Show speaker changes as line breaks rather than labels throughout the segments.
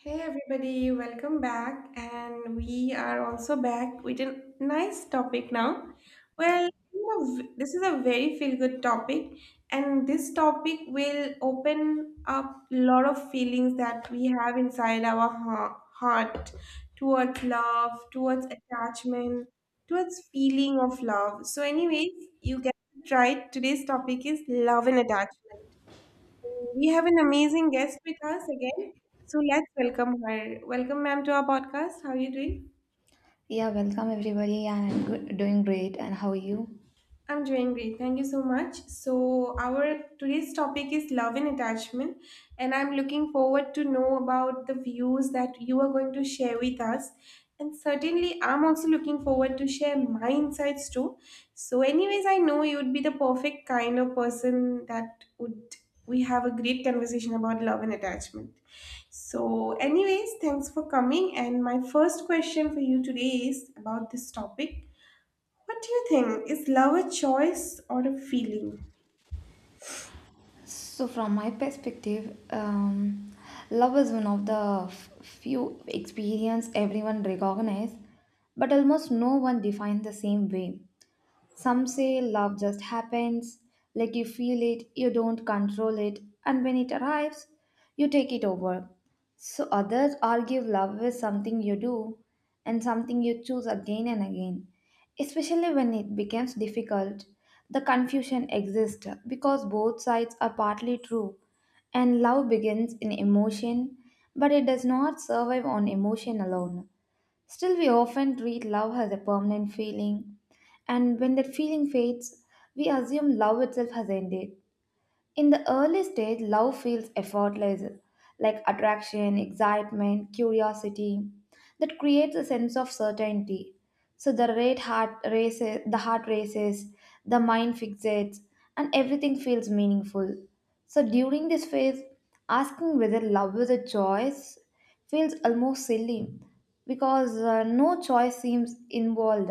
Hey everybody, welcome back. And we are also back with a nice topic now. This is a very feel good topic, and this topic will open up a lot of feelings that we have inside our heart towards love, towards attachment, towards feeling of love. Anyways, you get to try it. Today's topic is love and attachment. We have an amazing guest with us again. So let's welcome her. Welcome, ma'am, to our podcast. How are you doing?
Yeah, welcome everybody, and I'm good, doing great. And how are you?
I'm doing great. Thank you so much. So our today's topic is love and attachment, and I'm looking forward to know about the views that you are going to share with us. And certainly, I'm also looking forward to share my insights too. So, anyways, I know you would be the perfect kind of person that would we have a great conversation about love and attachment. So, anyways, thanks for coming. And my first question for you today is about this topic, what do you think? Is love a choice or a feeling?
From my perspective, love is one of the few experience everyone recognize, but almost no one defines the same way. Some say love just happens, like you feel it, you don't control it, and when it arrives, you take it over. So others argue love is something you do and something you choose again and again. Especially when it becomes difficult, the confusion exists because both sides are partly true. And love begins in emotion, but it does not survive on emotion alone. Still, we often treat love as a permanent feeling, and when that feeling fades, we assume love itself has ended. In the early stage, love feels effortless, like attraction, excitement, curiosity, that creates a sense of certainty. So the heart races, the mind fixates, and everything feels meaningful. So during this phase, asking whether love is a choice feels almost silly because no choice seems involved.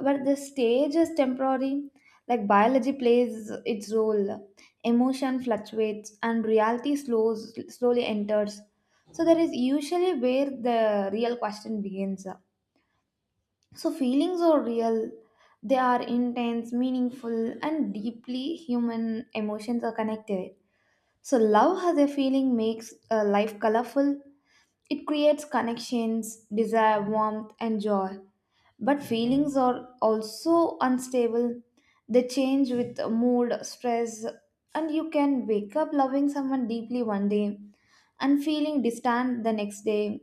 But the stage is temporary, like biology plays its role, emotion fluctuates and reality slowly enters. So that is usually where the real question begins. So feelings are real, they are intense, meaningful, and deeply human, emotions are connected. So love has a feeling, makes life colorful, it creates connections, desire, warmth, and joy. But feelings are also unstable. They change with mood, stress, and you can wake up loving someone deeply one day and feeling distant the next day.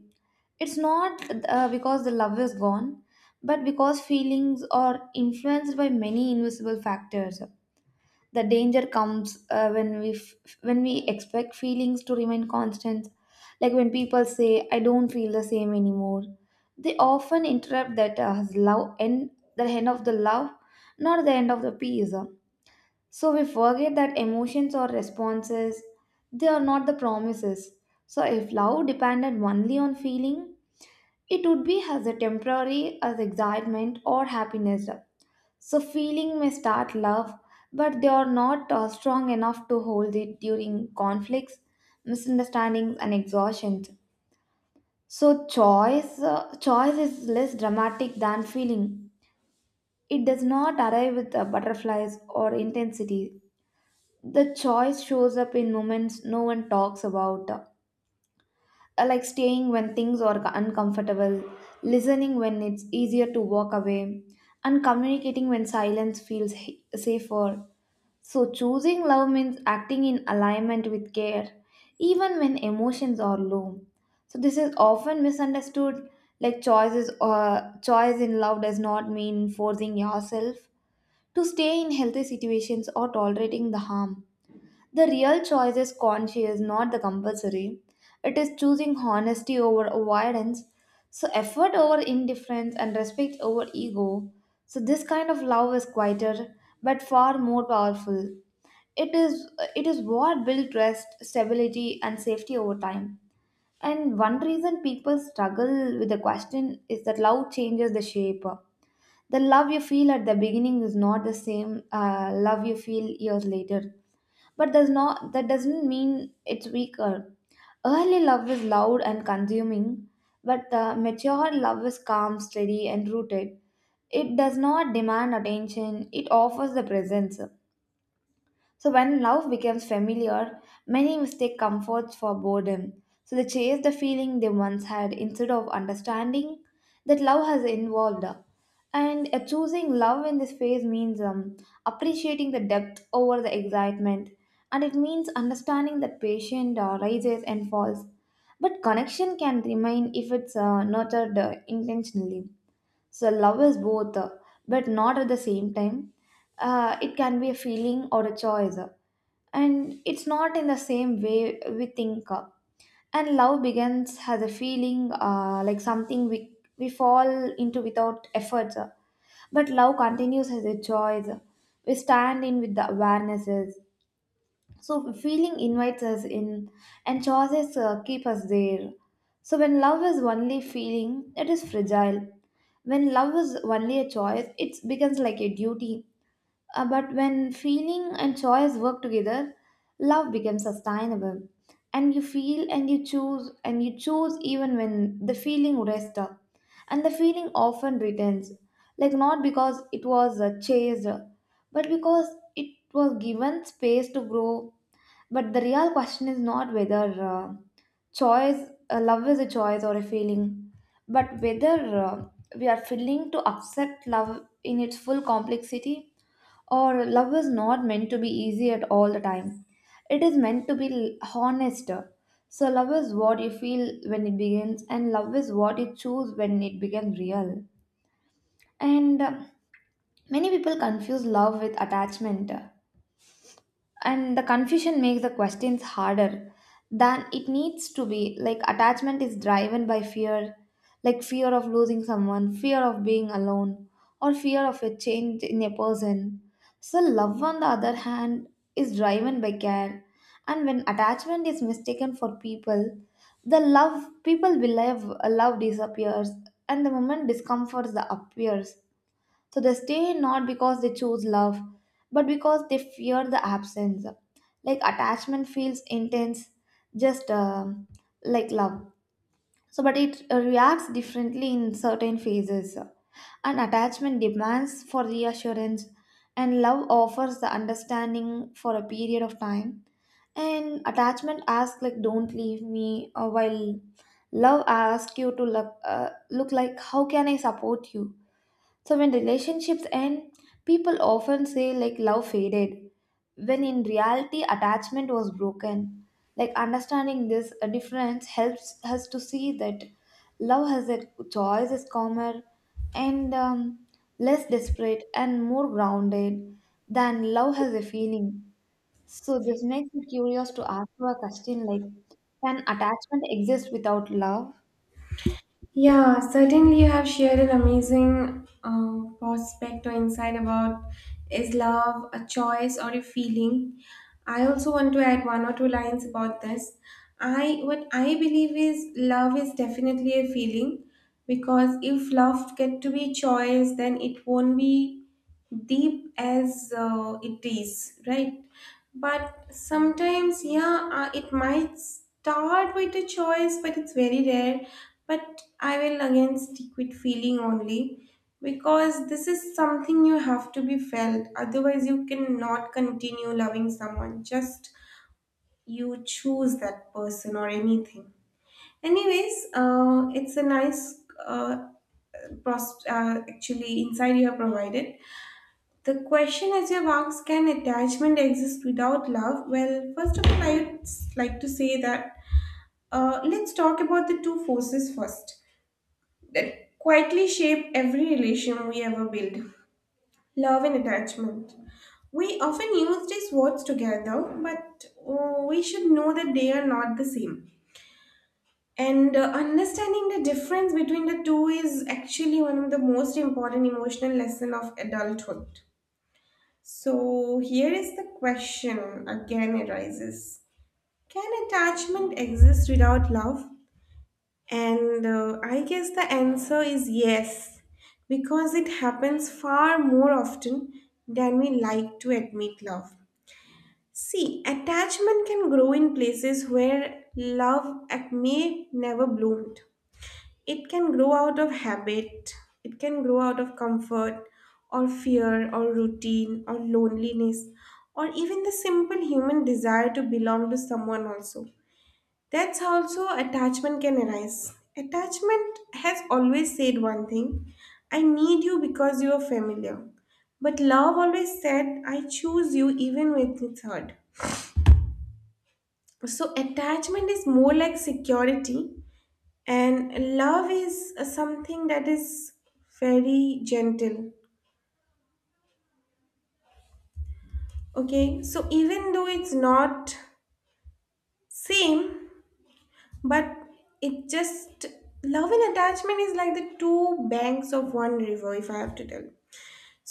It's not because the love is gone, but because feelings are influenced by many invisible factors. The danger comes when we expect feelings to remain constant. Like when people say, "I don't feel the same anymore," they often interrupt that love end the end of the love, not the end of the peace. So we forget that emotions or responses, they are not the promises. So if love depended only on feeling, it would be as a temporary as excitement or happiness. So feeling may start love, but they are not strong enough to hold it during conflicts, misunderstandings, and exhaustions. So, choice is less dramatic than feeling. It does not arrive with butterflies or intensity. The choice shows up in moments no one talks about, like staying when things are uncomfortable, listening when it's easier to walk away, and communicating when silence feels safer. So choosing love means acting in alignment with care, even when emotions are low. So this is often misunderstood. Like choice in love does not mean forcing yourself to stay in healthy situations or tolerating the harm. The real choice is conscious, not the compulsory. It is choosing honesty over avoidance, so effort over indifference, and respect over ego. So this kind of love is quieter but far more powerful. It is, it is what builds trust, stability, and safety over time. And one reason people struggle with the question is that love changes the shape. The love you feel at the beginning is not the same love you feel years later, but does not that doesn't mean it's weaker. Early love is loud and consuming, but mature love is calm, steady, and rooted. It does not demand attention, it offers the presence. So when love becomes familiar, many mistake comfort for boredom. So they chase the feeling they once had instead of understanding that love has evolved. And choosing love in this phase means appreciating the depth over the excitement, and it means understanding that patient rises and falls. But connection can remain if it's nurtured intentionally. So love is both, but not at the same time. It can be a feeling or a choice, and it's not in the same way we think. And love begins as a feeling, like something we fall into without efforts. But love continues as a choice. We stand in with the awarenesses. So feeling invites us in, and choices keep us there. So when love is only feeling, it is fragile. When love is only a choice, it becomes like a duty, but when feeling and choice work together, love becomes sustainable. And you feel and you choose even when the feeling rests up. And the feeling often returns. Like not because it was chased, but because it was given space to grow. But the real question is not whether love is a choice or a feeling, but whether we are willing to accept love in its full complexity, or love is not meant to be easy at all the time, it is meant to be honest. So love is what you feel when it begins, and love is what you choose when it becomes real. And many people confuse love with attachment, and the confusion makes the questions harder than it needs to be. Like attachment is driven by fear, like fear of losing someone, fear of being alone, or fear of a change in a person. So love, on the other hand, is driven by care. And when attachment is mistaken for people, the love people believe, love disappears, and the moment discomfort the appears. So they stay not because they choose love, but because they fear the absence. Like attachment feels intense, just like love. So but it reacts differently in certain phases. And attachment demands for reassurance, and love offers the understanding for a period of time. And attachment asks like, "Don't leave me," while love asks you to look like, "How can I support you?" So when relationships end, people often say like love faded, when in reality attachment was broken. Like understanding this difference helps us to see that love has a choice is calmer and less desperate and more grounded than love has a feeling. So this makes me curious to ask you a question like, can attachment exist without love?
Yeah, certainly you have shared an amazing prospect or insight about is love a choice or a feeling. I also want to add one or two lines about this. I what I believe is love is definitely a feeling because if love get to be choice, then it won't be deep as it is, right? But sometimes, yeah, it might start with a choice, but it's very rare. But I will again stick with feeling only because this is something you have to be felt. Otherwise, you cannot continue loving someone. Just you choose that person or anything. Anyways, it's a nice uh, actually insight you have provided. The question as you've asked, can attachment exist without love? Well, first of all, I'd like to say that, let's talk about the two forces first that quietly shape every relation we ever build, love and attachment. We often use these words together, but we should know that they are not the same. And understanding the difference between the two is actually one of the most important emotional lessons of adulthood. So here is the question again arises. Can attachment exist without love? And I guess the answer is yes, because it happens far more often than we like to admit love. See, attachment can grow in places where love may never bloomed. It can grow out of habit, it can grow out of comfort or fear or routine or loneliness, or even the simple human desire to belong to someone. Also, that's how also attachment can arise. Attachment has always said one thing, I need you because you are familiar. But love always said, I choose you even when it's hard. So attachment is more like security, and love is something that is very gentle. Okay, so even though it's not same, but it just, love and attachment is like the two banks of one river, if I have to tell.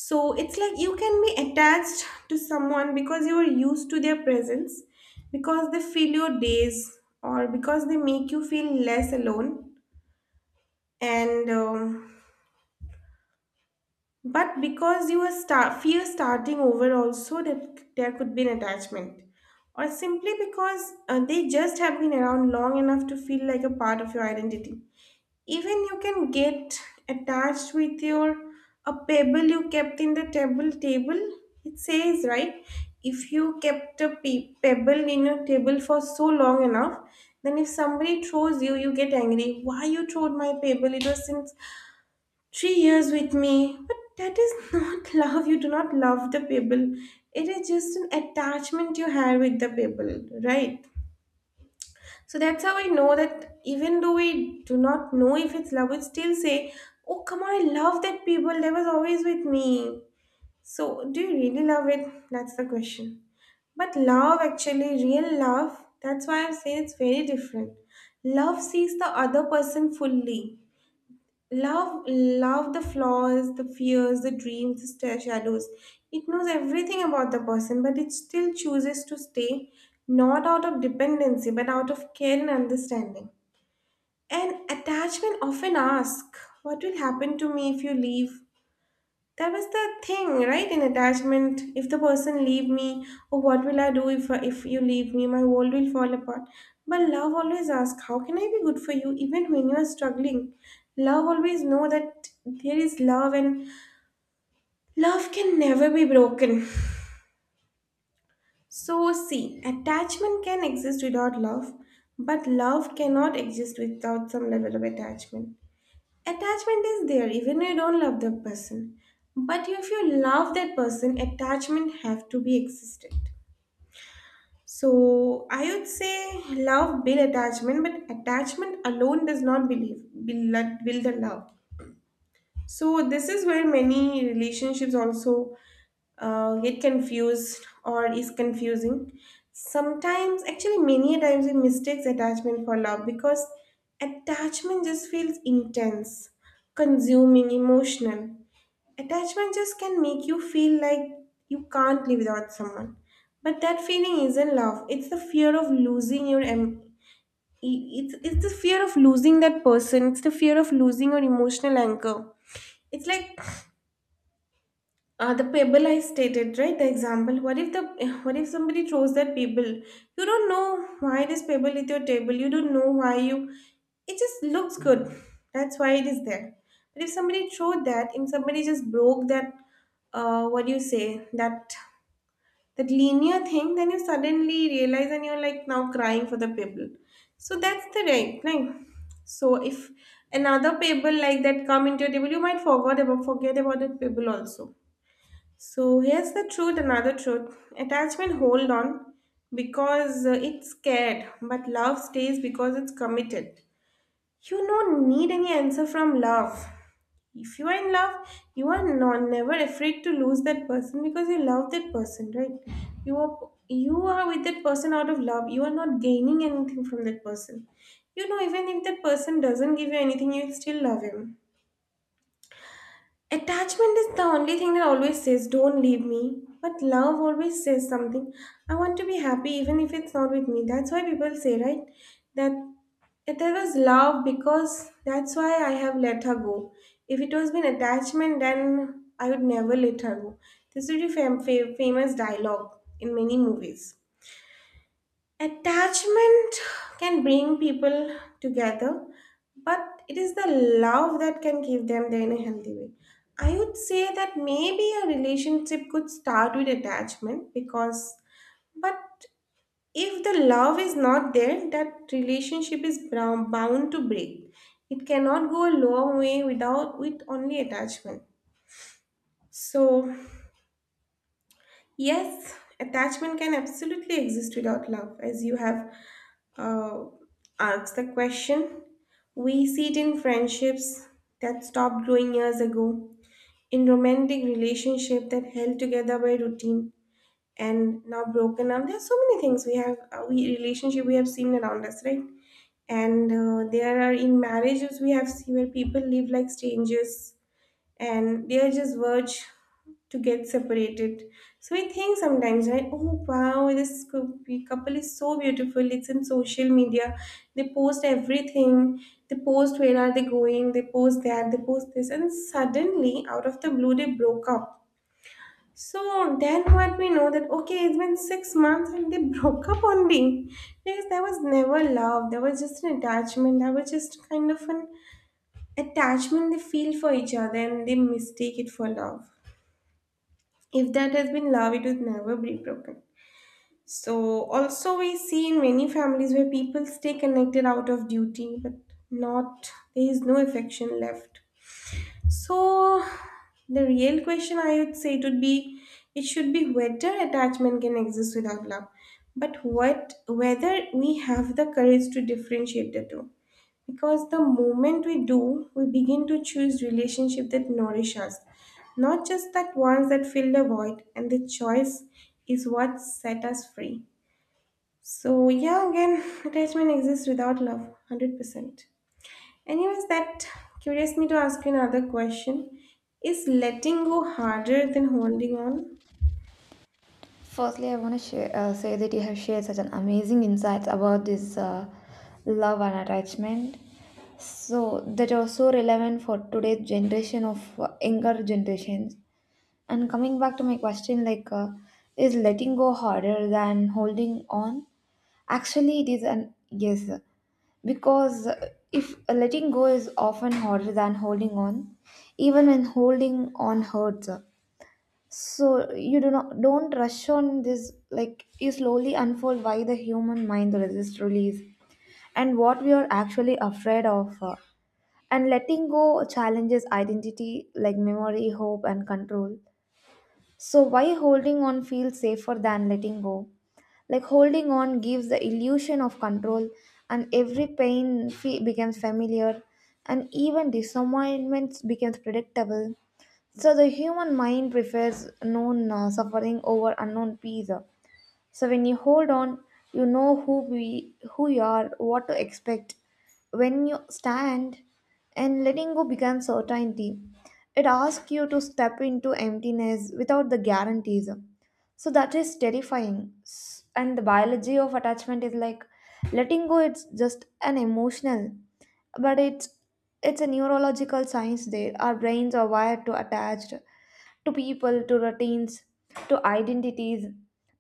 So it's like you can be attached to someone because you are used to their presence, because they fill your days or because they make you feel less alone, and but because you are start, fear starting over, also that there could be an attachment, or simply because they just have been around long enough to feel like a part of your identity. Even you can get attached with your, a pebble you kept in the table. It says right, if you kept a pebble in your table for so long enough, then if somebody throws you, you get angry. Why you throwed my pebble? It was since 3 years with me, but that is not love. You do not love the people. It is just an attachment you have with the people, right? So that's how I know that even though we do not know if it's love, we still say, oh, come on, I love that people. They was always with me. So, do you really love it? That's the question. But love, actually, real love, that's why I'm saying it's very different. Love sees the other person fully. Love, the flaws, the fears, the dreams, the shadows. It knows everything about the person, but it still chooses to stay, not out of dependency, but out of care and understanding. And attachment often asks, what will happen to me if you leave? That was the thing, right? In attachment, if the person leave me, or what will I do if you leave me? My world will fall apart. But love always asks, how can I be good for you, even when you are struggling? Love always know that there is love, and love can never be broken. So see, attachment can exist without love, but love cannot exist without some level of attachment. Attachment is there even if you don't love the person. But if you love that person, attachment have to be existent. So I would say love build attachment, but attachment alone does not believe build the love. So this is where many relationships also get confused or is confusing. Sometimes, actually, many times we mistakes attachment for love because attachment just feels intense, consuming, emotional. Attachment just can make you feel like you can't live without someone. But that feeling isn't love. It's the fear of losing your it's the fear of losing that person. It's the fear of losing your emotional anchor. It's like the pebble I stated, right? The example. What if the what if somebody throws that pebble? You don't know why this pebble is your table. You don't know why you. It just looks good. That's why it is there. But if somebody threw that, if somebody just broke that, what do you say? That linear thing, then you suddenly realize and you're like now crying for the pebble. So that's the right thing. So if another pebble like that come into your table, you might forget about that pebble also. So here's the truth, another truth. Attachment hold on because it's scared, but love stays because it's committed. You don't need any answer from love. If you are in love, you are not never afraid to lose that person because you love that person, right? You are you are with that person out of love. You are not gaining anything from that person. You know, even if that person doesn't give you anything, you'll still love him. Attachment is the only thing that always says, don't leave me. But love always says something. I want to be happy even if it's not with me. That's why people say, right? That if there was love because that's why I have let her go. If it was been attachment, then I would never let her go. This is a famous dialogue in many movies. Attachment can bring people together, but it is the love that can keep them there in a healthy way. I would say that maybe a relationship could start with attachment because, but if the love is not there, that relationship is bound to break. It cannot go a long way without with only attachment. So, yes, attachment can absolutely exist without love, as you have uh, ask the question. We see it in friendships that stopped growing years ago, in romantic relationships that held together by routine and now broken up. There are so many things we have, we relationship we have seen around us, right? And there are in marriages we have seen where people live like strangers and they are just verge to get separated. So we think sometimes, right? Oh wow, this couple is so beautiful. It's in social media. They post everything. They post where are they going. They post that. They post this, and suddenly, out of the blue, they broke up. So then what we know that okay, it's been 6 months and they broke up on me because there was never love. There was just an attachment. There was just kind of an attachment they feel for each other and they mistake it for love. If that has been love, it would never be broken. So, also, we see in many families where people stay connected out of duty, but not there is no affection left. So, the real question I would say it would be it should be whether attachment can exist without love, but what whether we have the courage to differentiate the two, because the moment we do, we begin to choose relationships that nourish us, not just that ones that fill the void, and the choice is what set us free. So, yeah, again, attachment exists without love, 100%. Anyways, that curious me to ask you another question. Is letting go harder than holding on?
Firstly, I want to say that you have shared such an amazing insights about this love and attachment. So that are so relevant for today's generation of younger generations. And coming back to my question, is letting go harder than holding on? Actually, it is an yes, because if letting go is often harder than holding on, even when holding on hurts. So you do not don't rush on this, like you slowly unfold why the human mind resists release and what we are actually afraid of, and letting go challenges identity like memory, hope, and control. So why holding on feels safer than letting go, like holding on gives the illusion of control, and every becomes familiar, and even disappointments becomes predictable. So the human mind prefers known suffering over unknown peace. So when you hold on, you know who you are, what to expect. When you stand and letting go becomes certainty. It asks you to step into emptiness without the guarantees. So that is terrifying. And the biology of attachment is like letting go, it's just an emotional, but it's a neurological science there. Our brains are wired to attached to people, to routines, to identities,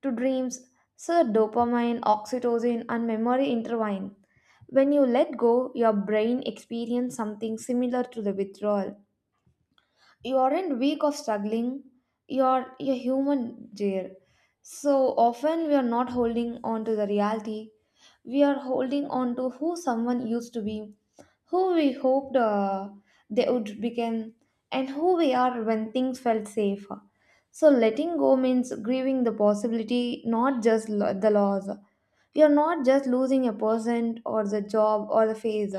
to dreams. So dopamine, oxytocin, and memory intertwine. When you let go, your brain experiences something similar to the withdrawal. You aren't weak or struggling, you're a human, dear. So often we are not holding on to the reality, we are holding on to who someone used to be, who we hoped they would become, and who we are when things felt safe. So letting go means grieving the possibility, not just the loss. You're not just losing a person or the job or the phase,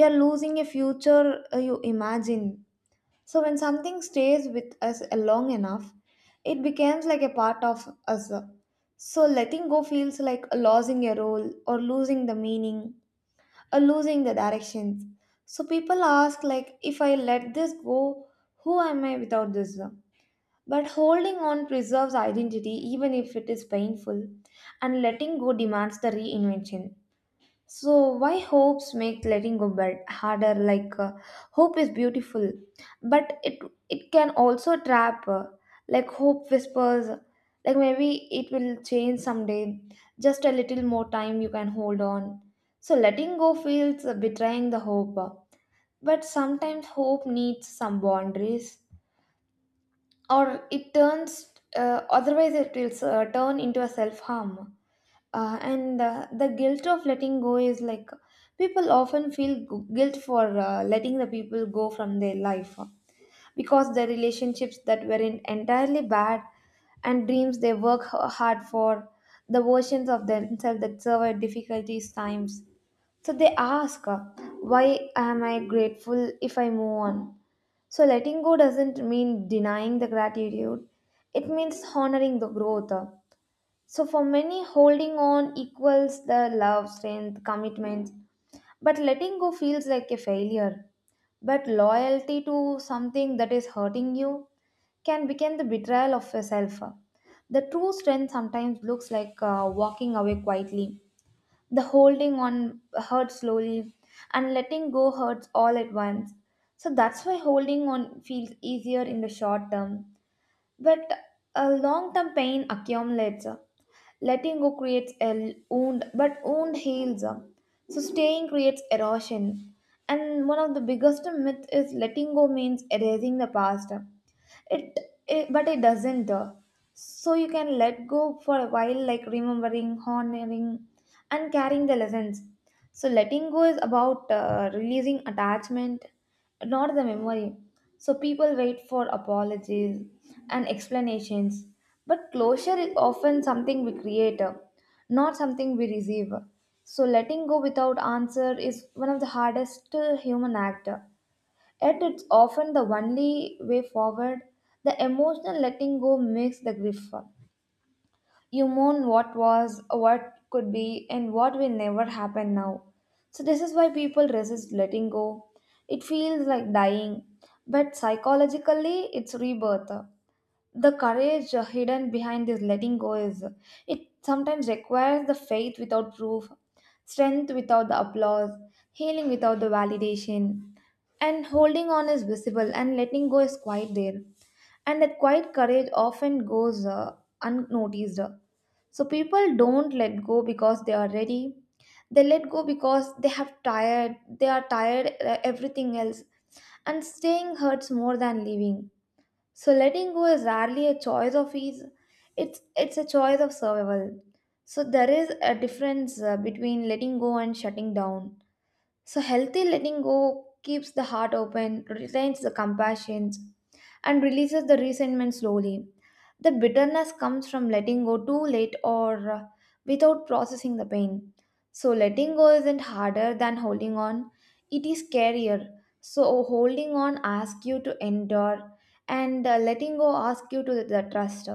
you're losing a future you imagine. So when something stays with us long enough, it becomes like a part of us. So letting go feels like losing a role or losing the meaning or losing the directions. So people ask like, if I let this go, who am I without this? But holding on preserves identity even if it is painful, and letting go demands the reinvention. So why hopes make letting go bad harder? Hope is beautiful, but it can also trap. Like, hope whispers, like maybe it will change someday. Just a little more time you can hold on. So letting go feels betraying the hope, but sometimes hope needs some boundaries, or it turns. Otherwise, it will turn into a self harm, and the guilt of letting go is like people often feel guilt for letting the people go from their life, because the relationships that were in entirely bad, and dreams they work hard for, the versions of themselves that survive difficulties times. So they ask, why am I grateful if I move on? So letting go doesn't mean denying the gratitude, it means honoring the growth. So for many, holding on equals the love, strength, commitment, but letting go feels like a failure. But loyalty to something that is hurting you can become the betrayal of yourself. The true strength sometimes looks like walking away quietly. The holding on hurts slowly, and letting go hurts all at once. So that's why holding on feels easier in the short term, but a long term pain accumulates. Letting go creates a wound, but wound heals. So staying creates erosion. And one of the biggest myth is letting go means erasing the past. It, it doesn't. So you can let go for a while, like remembering, honoring, and carrying the lessons. So letting go is about releasing attachment, not the memory. So people wait for apologies and explanations, but closure is often something we create, not something we receive. So letting go without answer is one of the hardest human act. Yet it's often the only way forward. The emotional letting go makes the grief. You mourn what was, what could be, and what will never happen now. So this is why people resist letting go. It feels like dying, but psychologically, it's rebirth. The courage hidden behind this letting go is, it sometimes requires the faith without proof, strength without the applause, healing without the validation. And holding on is visible and letting go is quite there, and that quiet courage often goes unnoticed. So people don't let go because they are ready, they let go because they are tired, everything else, and staying hurts more than leaving. So letting go is rarely a choice of ease. It's a choice of survival. So there is a difference between letting go and shutting down. So healthy letting go keeps the heart open, retains the compassion, and releases the resentment slowly. The bitterness comes from letting go too late or without processing the pain. So letting go isn't harder than holding on, it is scarier. So holding on asks you to endure, and letting go asks you to the trust.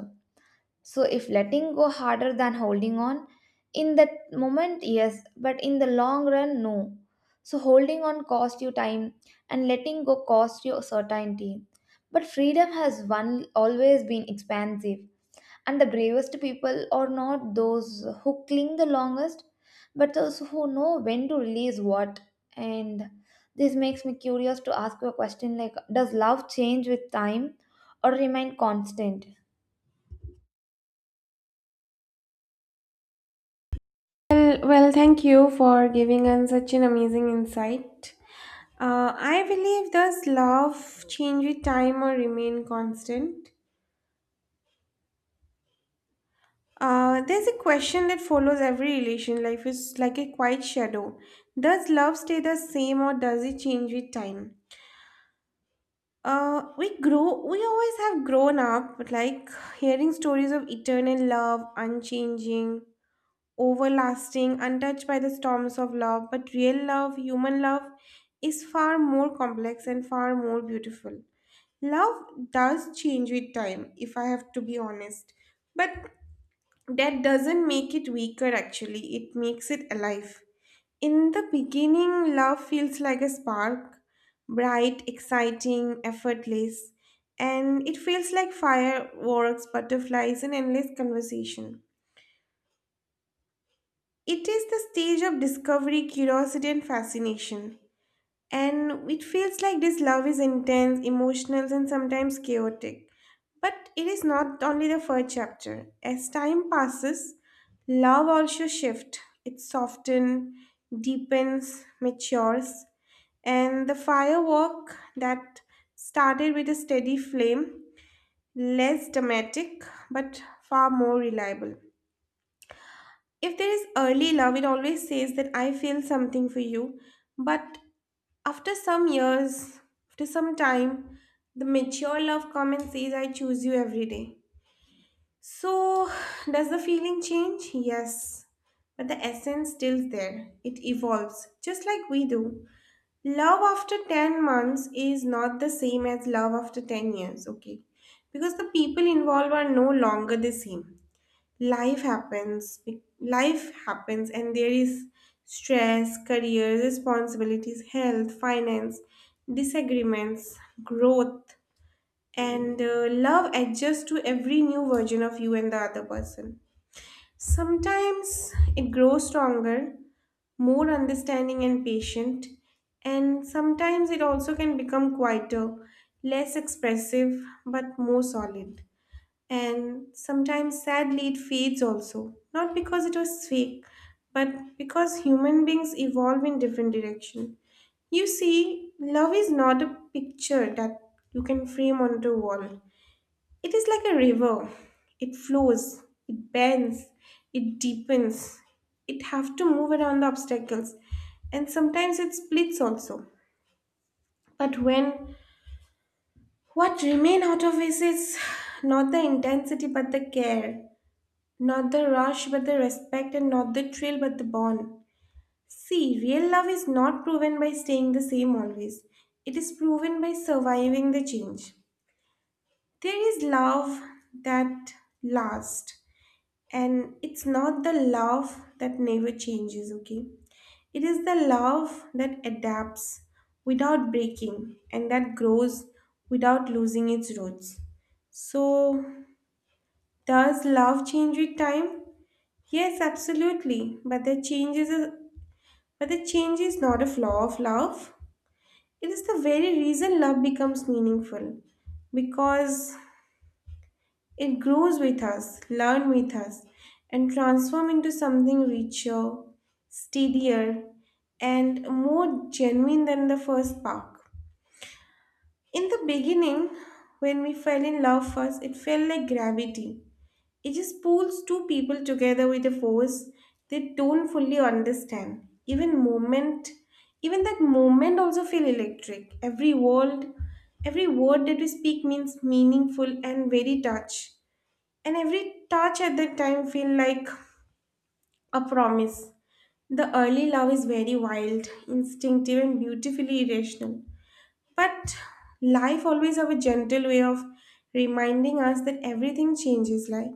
So if letting go harder than holding on, in that moment, yes, but in the long run, no. So holding on costs you time and letting go costs you certainty. But freedom has one always been expansive, and the bravest people are not those who cling the longest, but those who know when to release what. And this makes me curious to ask you a question like, does love change with time or remain constant?
Well, thank you for giving us such an amazing insight. I believe, does love change with time or remain constant? There's a question that follows every relation. Life is like a quiet shadow. Does love stay the same or does it change with time? We grow. We always have grown up like hearing stories of eternal love, unchanging, overlasting, untouched by the storms of love. But real love, human love, is far more complex and far more beautiful. Love does change with time, if I have to be honest. But that doesn't make it weaker, actually, it makes it alive. In the beginning, love feels like a spark, bright, exciting, effortless, and it feels like fireworks, butterflies, and endless conversation. It is the stage of discovery, curiosity, and fascination. And it feels like this love is intense, emotional, and sometimes chaotic. But it is not only the first chapter. As time passes, love also shifts. It softens, deepens, matures. And the firework that started with a steady flame, less dramatic, but far more reliable. If there is early love, it always says that I feel something for you. But after some years, after some time, the mature love comes and says, I choose you every day. So, does the feeling change? Yes. But the essence still there. It evolves, just like we do. Love after 10 months is not the same as love after 10 years, okay? Because the people involved are no longer the same. Life happens, life happens, and there is stress, career, responsibilities, health, finance, disagreements, growth, and love adjusts to every new version of you and the other person. Sometimes it grows stronger, more understanding and patient, and sometimes it also can become quieter, less expressive but more solid. And sometimes, sadly, it fades also. Not because it was fake, but because human beings evolve in different direction. You see, love is not a picture that you can frame onto a wall. It is like a river. It flows, it bends, it deepens. It have to move around the obstacles. And sometimes it splits also. But when what remain out of it is not the intensity but the care. Not the rush, but the respect, and not the thrill, but the bond. See, real love is not proven by staying the same always. It is proven by surviving the change. There is love that lasts, and it's not the love that never changes, okay? It is the love that adapts without breaking and that grows without losing its roots. So, does love change with time? Yes, absolutely. But the change is a, but the change is not a flaw of love. It is the very reason love becomes meaningful because it grows with us, learn with us, and transform into something richer, steadier, and more genuine than the first spark. In the beginning, when we fell in love first, it felt like gravity. It just pulls two people together with a force they don't fully understand. Even moment, even that moment also feel electric. Every word that we speak means meaningful and very touch. And every touch at that time feel like a promise. The early love is very wild, instinctive, and beautifully irrational. But life always have a gentle way of reminding us that everything changes, like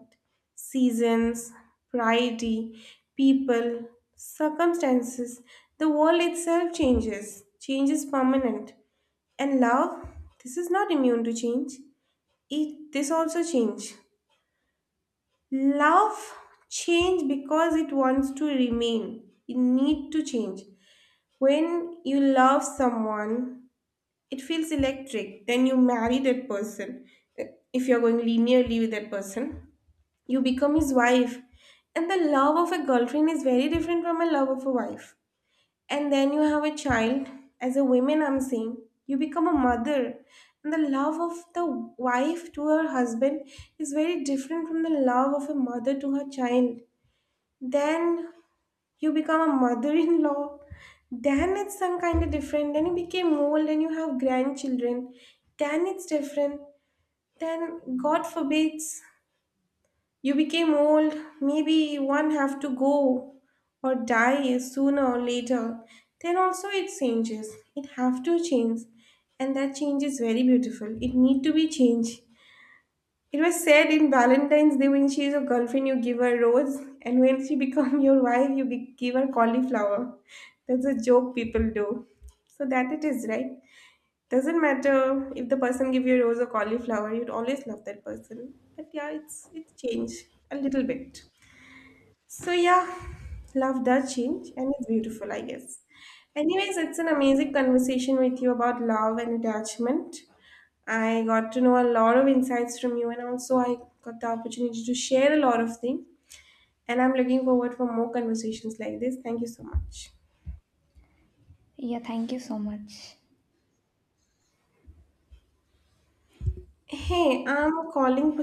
seasons, priority, people, circumstances, the world itself changes. Change is permanent. And love, this is not immune to change. It this also change. Love change because it wants to remain. It need to change. When you love someone, it feels electric. Then you marry that person. If you're going linearly with that person, you become his wife, and the love of a girlfriend is very different from a love of a wife. And then you have a child. As a woman I'm saying, you become a mother, and the love of the wife to her husband is very different from the love of a mother to her child. Then you become a mother-in-law. Then it's some kind of different. Then you became old and you have grandchildren, then it's different. Then god forbids, you became old, maybe one have to go or die sooner or later. Then also it changes, it have to change. And that change is very beautiful, it need to be changed. It was said, in Valentine's Day when she is your girlfriend, you give her rose, and when she become your wife, you give her cauliflower. That's a joke people do. So that it is right. Doesn't matter if the person give you a rose or cauliflower, you'd always love that person. But yeah, it's changed a little bit. So yeah, love does change and it's beautiful, I guess. Anyways, it's an amazing conversation with you about love and attachment. I got to know a lot of insights from you and also I got the opportunity to share a lot of things. And I'm looking forward for more conversations like this. Thank you so much.
Yeah, thank you so much.
Hey, I'm calling